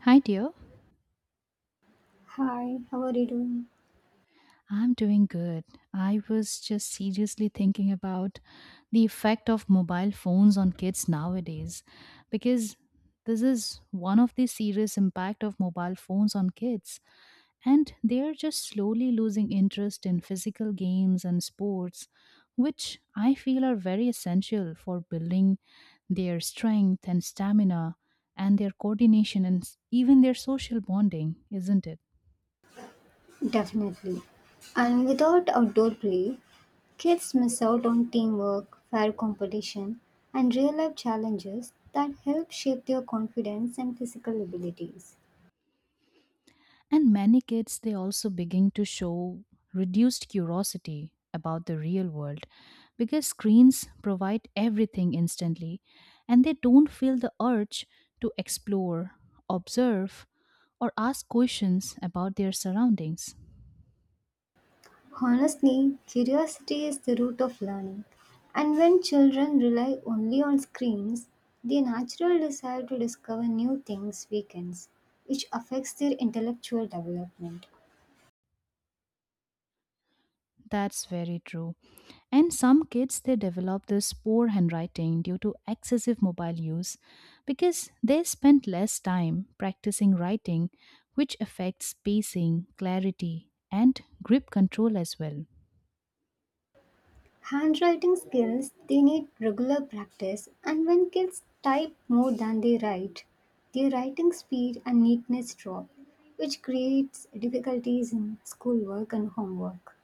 Hi, dear. Hi, how are you doing? I'm doing good. I was just seriously thinking about the effect of mobile phones on kids nowadays because this is one of the serious impact of mobile phones on kids, and they are just slowly losing interest in physical games and sports which I feel are very essential for building their strength and stamina and their coordination and even their social bonding, isn't it? Definitely. And without outdoor play, kids miss out on teamwork, fair competition, and real life challenges that help shape their confidence and physical abilities. And many kids, they also begin to show reduced curiosity about the real world because screens provide everything instantly and they don't feel the urge to explore, observe, or ask questions about their surroundings. Honestly, curiosity is the root of learning. And when children rely only on screens, their natural desire to discover new things weakens, which affects their intellectual development. That's very true. And some kids, they develop this poor handwriting due to excessive mobile use because they spend less time practicing writing, which affects spacing, clarity, and grip control as well. Handwriting skills they need regular practice, and when kids type more than they write, their writing speed and neatness drop, which creates difficulties in schoolwork and homework.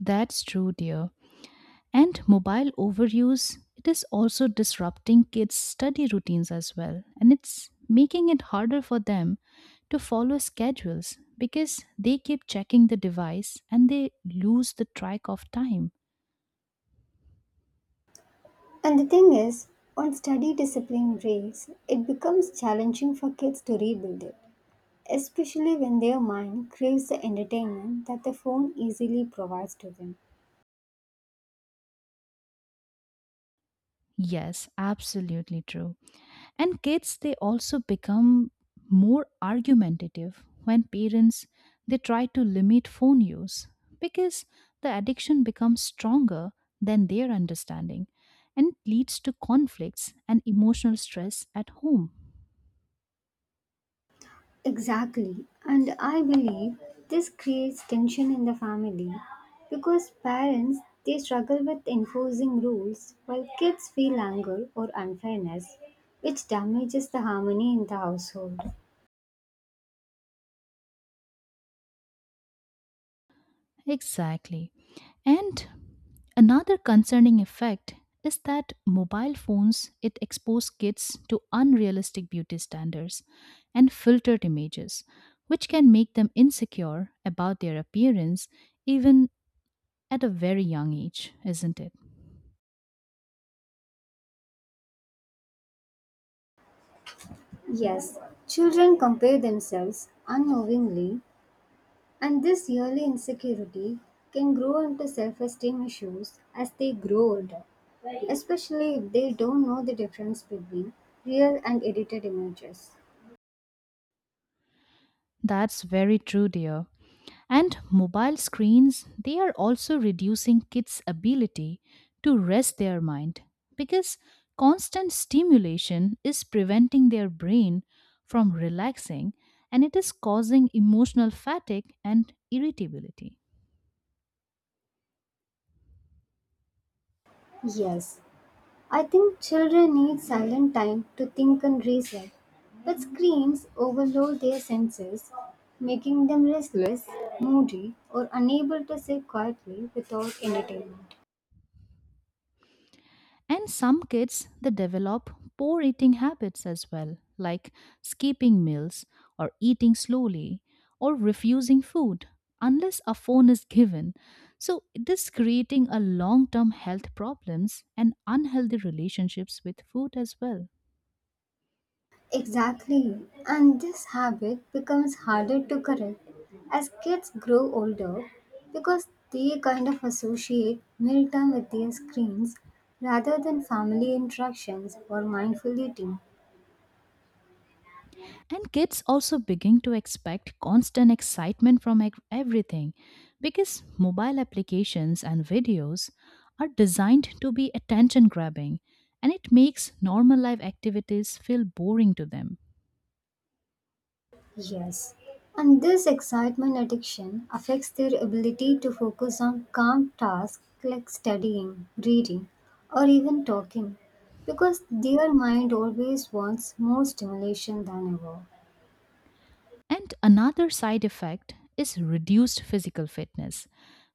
That's true, dear. And mobile overuse, it is also disrupting kids' study routines as well. And it's making it harder for them to follow schedules because they keep checking the device and they lose the track of time. And the thing is, when study discipline breaks, it becomes challenging for kids to rebuild it, especially when their mind craves the entertainment that the phone easily provides to them. Yes, absolutely true. And kids, they also become more argumentative when parents they try to limit phone use because the addiction becomes stronger than their understanding and leads to conflicts and emotional stress at home. Exactly. And I believe this creates tension in the family because parents they struggle with enforcing rules while kids feel anger or unfairness which damages the harmony in the household. Exactly. And another concerning effect is that mobile phones it expose kids to unrealistic beauty standards and filtered images which can make them insecure about their appearance even at a very young age, isn't it? Yes, children compare themselves unknowingly and this yearly insecurity can grow into self-esteem issues as they grow older, especially if they don't know the difference between real and edited images. That's very true, dear. And mobile screens, they are also reducing kids' ability to rest their mind because constant stimulation is preventing their brain from relaxing and it is causing emotional fatigue and irritability. Yes, I think children need silent time to think and reset, but screens overload their senses, making them restless, moody, or unable to sit quietly without entertainment. And some kids, they develop poor eating habits as well, like skipping meals or eating slowly or refusing food unless a phone is given. So this creating a long-term health problems and unhealthy relationships with food as well. Exactly, and this habit becomes harder to correct as kids grow older because they kind of associate mealtime with their screens rather than family interactions or mindful eating. And kids also begin to expect constant excitement from everything because mobile applications and videos are designed to be attention grabbing and it makes normal life activities feel boring to them. Yes. And this excitement addiction affects their ability to focus on calm tasks like studying, reading, or even talking because their mind always wants more stimulation than ever. And another side effect is reduced physical fitness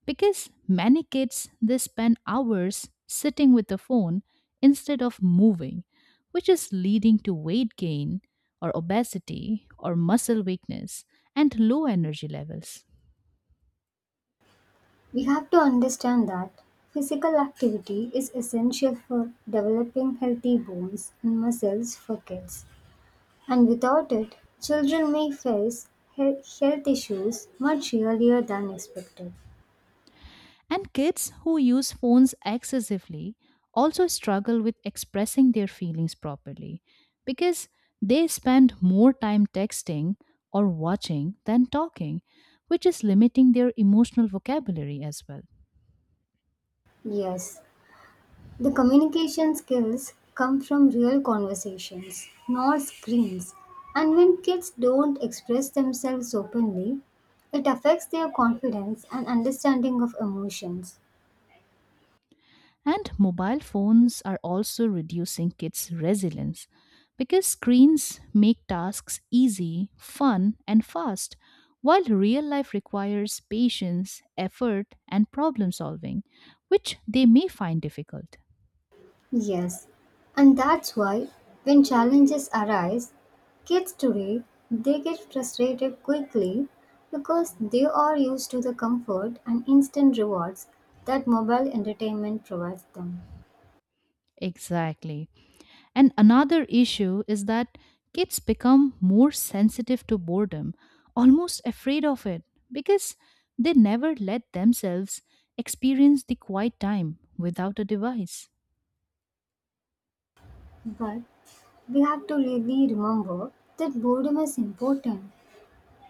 because many kids they spend hours sitting with the phone instead of moving, which is leading to weight gain or obesity or muscle weakness and low energy levels. We have to understand that physical activity is essential for developing healthy bones and muscles for kids, and without it, children may face health issues much earlier than expected. And kids who use phones excessively also struggle with expressing their feelings properly because they spend more time texting or watching than talking, which is limiting their emotional vocabulary as well. Yes, the communication skills come from real conversations, not screens. And when kids don't express themselves openly, it affects their confidence and understanding of emotions. And mobile phones are also reducing kids' resilience because screens make tasks easy, fun, and fast, while real life requires patience, effort, and problem solving, which they may find difficult. Yes, and that's why when challenges arise, kids today they get frustrated quickly because they are used to the comfort and instant rewards that mobile entertainment provides them. Exactly. And another issue is that kids become more sensitive to boredom, almost afraid of it, because they never let themselves experience the quiet time without a device. But we have to really remember that boredom is important.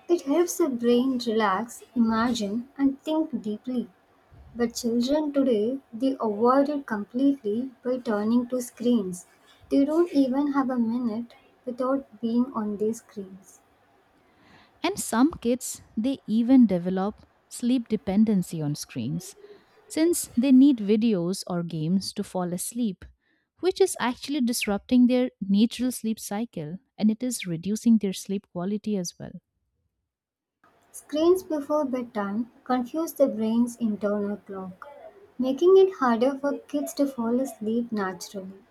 It helps the brain relax, imagine, and think deeply. But children today, they avoid it completely by turning to screens. They don't even have a minute without being on these screens. And some kids, they even develop sleep dependency on screens since they need videos or games to fall asleep, which is actually disrupting their natural sleep cycle and it is reducing their sleep quality as well. Screens before bedtime confuse the brain's internal clock, making it harder for kids to fall asleep naturally,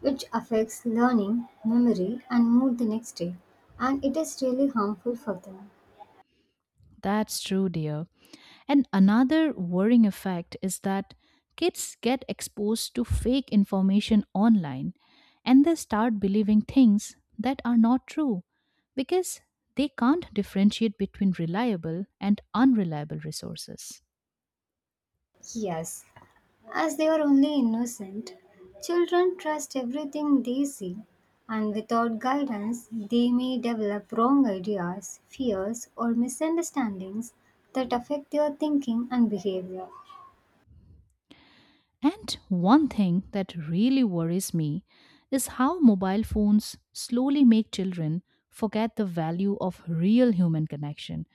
which affects learning, memory, and mood the next day, and it is really harmful for them. That's true, dear. And another worrying effect is that kids get exposed to fake information online and they start believing things that are not true because they can't differentiate between reliable and unreliable resources. Yes, as they are only innocent, children trust everything they see, and without guidance, they may develop wrong ideas, fears, or misunderstandings that affect their thinking and behavior. And one thing that really worries me is how mobile phones slowly make children forget the value of real human connection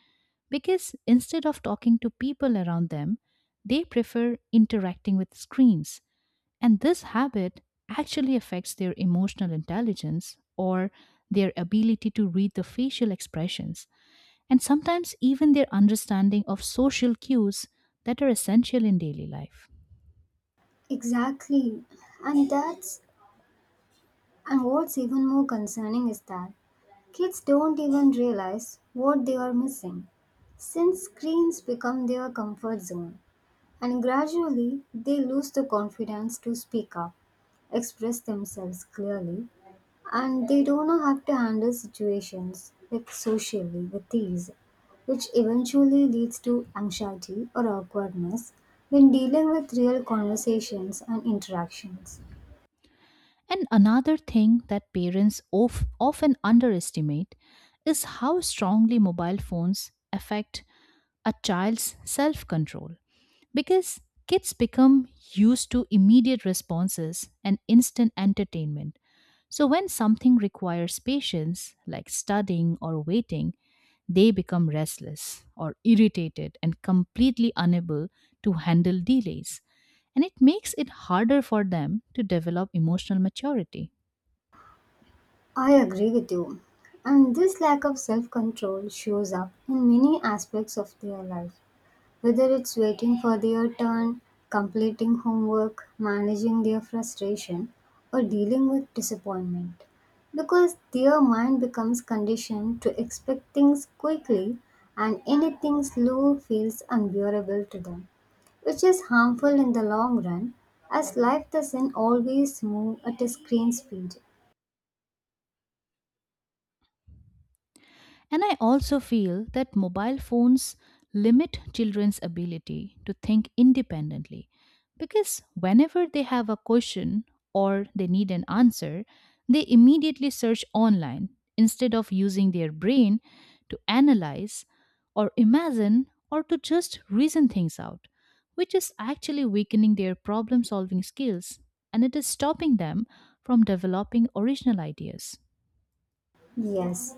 because instead of talking to people around them, they prefer interacting with screens. And this habit actually affects their emotional intelligence or their ability to read the facial expressions, and sometimes even their understanding of social cues that are essential in daily life. Exactly. And that's and what's even more concerning is that kids don't even realize what they are missing since screens become their comfort zone and gradually they lose the confidence to speak up, express themselves clearly, and they don't know how to handle situations like socially with ease, which eventually leads to anxiety or awkwardness when dealing with real conversations and interactions. And another thing that parents of, often underestimate is how strongly mobile phones affect a child's self control because kids become used to immediate responses and instant entertainment. So, when something requires patience, like studying or waiting, they become restless or irritated and completely unable to handle delays. And it makes it harder for them to develop emotional maturity. I agree with you. And this lack of self control shows up in many aspects of their life, whether it's waiting for their turn, completing homework, managing their frustration, or dealing with disappointment. Because their mind becomes conditioned to expect things quickly, and anything slow feels unbearable to them which is harmful in the long run as life doesn't always move at a screen speed. And I also feel that mobile phones limit children's ability to think independently because whenever they have a question or they need an answer, they immediately search online instead of using their brain to analyze or imagine or to just reason things out, which is actually weakening their problem solving skills and it is stopping them from developing original ideas. Yes.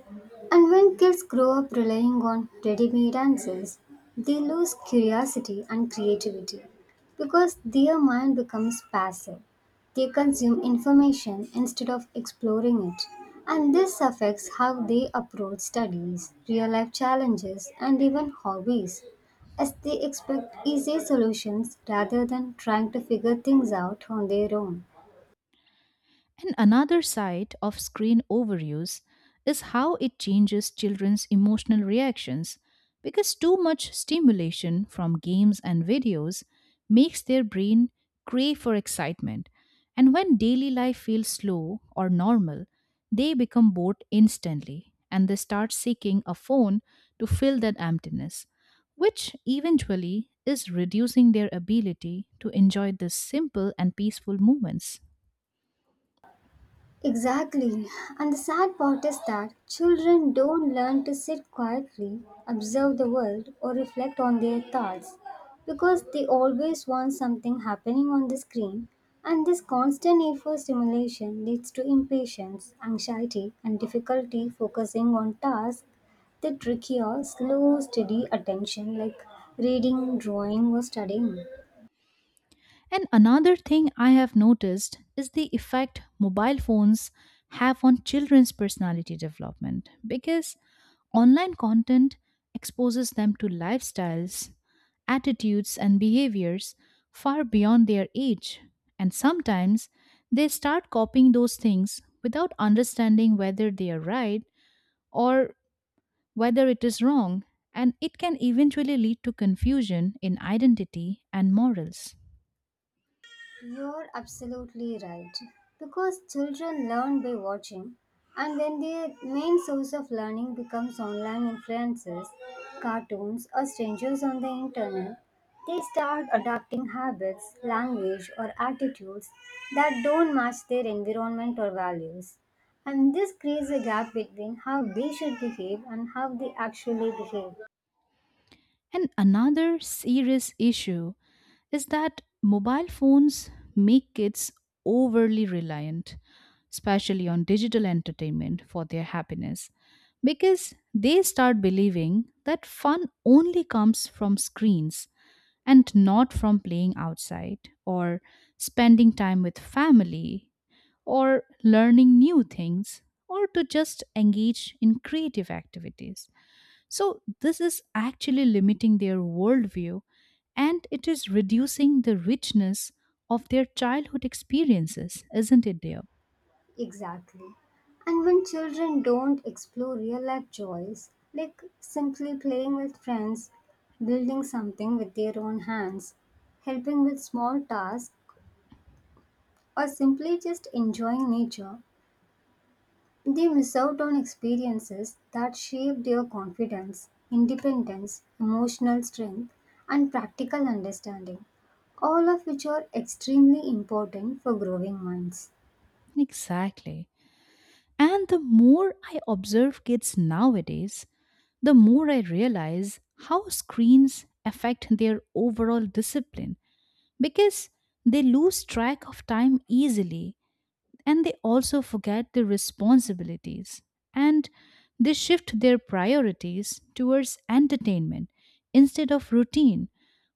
And when kids grow up relying on ready made answers, they lose curiosity and creativity because their mind becomes passive. They consume information instead of exploring it. And this affects how they approach studies, real life challenges, and even hobbies, as they expect easy solutions rather than trying to figure things out on their own. And another side of screen overuse is how it changes children's emotional reactions because too much stimulation from games and videos makes their brain crave for excitement. And when daily life feels slow or normal, they become bored instantly and they start seeking a phone to fill that emptiness, which eventually is reducing their ability to enjoy the simple and peaceful moments. Exactly. And the sad part is that children don't learn to sit quietly, observe the world, or reflect on their thoughts because they always want something happening on the screen. And this constant need for stimulation leads to impatience, anxiety, and difficulty focusing on tasks that require slow, steady attention like reading, drawing, or studying. And another thing I have noticed is the effect mobile phones have on children's personality development because online content exposes them to lifestyles, attitudes, and behaviors far beyond their age. And sometimes they start copying those things without understanding whether they are right or whether it is wrong. And it can eventually lead to confusion in identity and morals. You're absolutely right. Because children learn by watching, and when their main source of learning becomes online influences, cartoons, or strangers on the internet, they start adopting habits, language, or attitudes that don't match their environment or values. And this creates a gap between how they should behave and how they actually behave. And another serious issue is that mobile phones make kids overly reliant, especially on digital entertainment for their happiness, because they start believing that fun only comes from screens and not from playing outside or spending time with family or learning new things or to just engage in creative activities. So, this is actually limiting their worldview and it is reducing the richness of their childhood experiences, isn't it, dear? Exactly. And when children don't explore real life joys, like simply playing with friends, building something with their own hands, helping with small tasks, or simply just enjoying nature, they miss out on experiences that shape their confidence, independence, emotional strength, and practical understanding, all of which are extremely important for growing minds. Exactly. And the more I observe kids nowadays, the more I realize how screens affect their overall discipline because they lose track of time easily and they also forget their responsibilities and they shift their priorities towards entertainment instead of routine,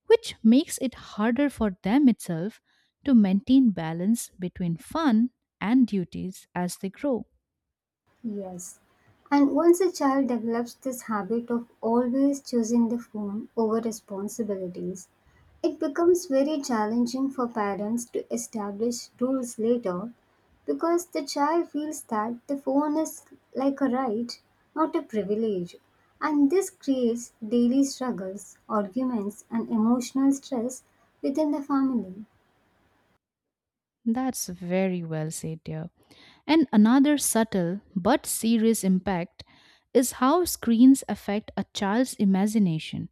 which makes it harder for them itself to maintain balance between fun and duties as they grow. Yes. And once a child develops this habit of always choosing the phone over responsibilities, it becomes very challenging for parents to establish rules later because the child feels that the phone is like a right, not a privilege. And this creates daily struggles, arguments, and emotional stress within the family. That's very well said, dear. And another subtle but serious impact is how screens affect a child's imagination.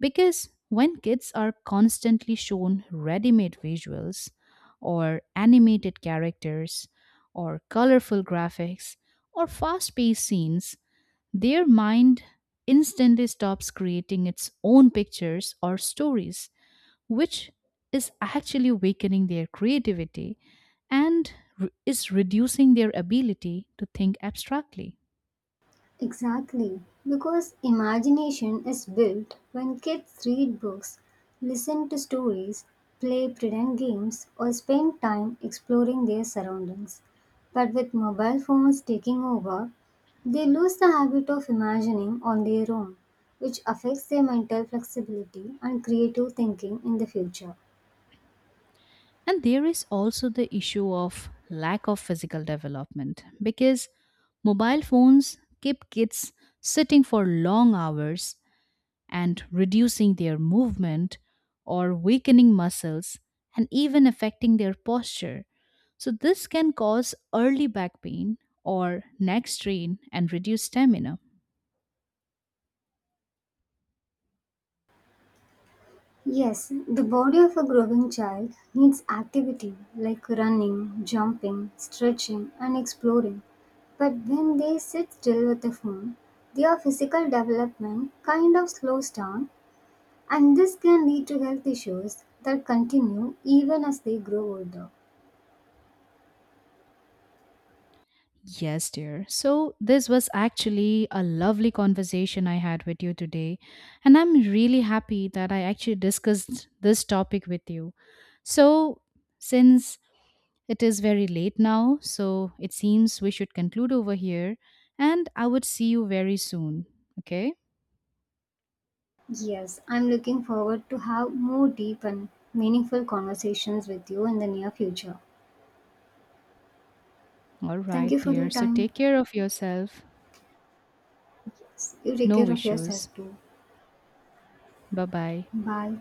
Because when kids are constantly shown ready made visuals, or animated characters, or colorful graphics, or fast paced scenes, their mind instantly stops creating its own pictures or stories, which is actually weakening their creativity and is reducing their ability to think abstractly. Exactly, because imagination is built when kids read books, listen to stories, play pretend games, or spend time exploring their surroundings. But with mobile phones taking over, they lose the habit of imagining on their own, which affects their mental flexibility and creative thinking in the future. And there is also the issue of lack of physical development because mobile phones keep kids sitting for long hours and reducing their movement or weakening muscles and even affecting their posture. So, this can cause early back pain or neck strain and reduce stamina. Yes, the body of a growing child needs activity like running, jumping, stretching, and exploring. But when they sit still with a phone, their physical development kind of slows down, and this can lead to health issues that continue even as they grow older. Yes, dear. So, this was actually a lovely conversation I had with you today. And I'm really happy that I actually discussed this topic with you. So, since it is very late now, so it seems we should conclude over here. And I would see you very soon. Okay? Yes, I'm looking forward to have more deep and meaningful conversations with you in the near future. All Thank right, you for your dear. So, time. take care of yourself. Yes, you take No care of yourself issues. too. Bye bye. Bye.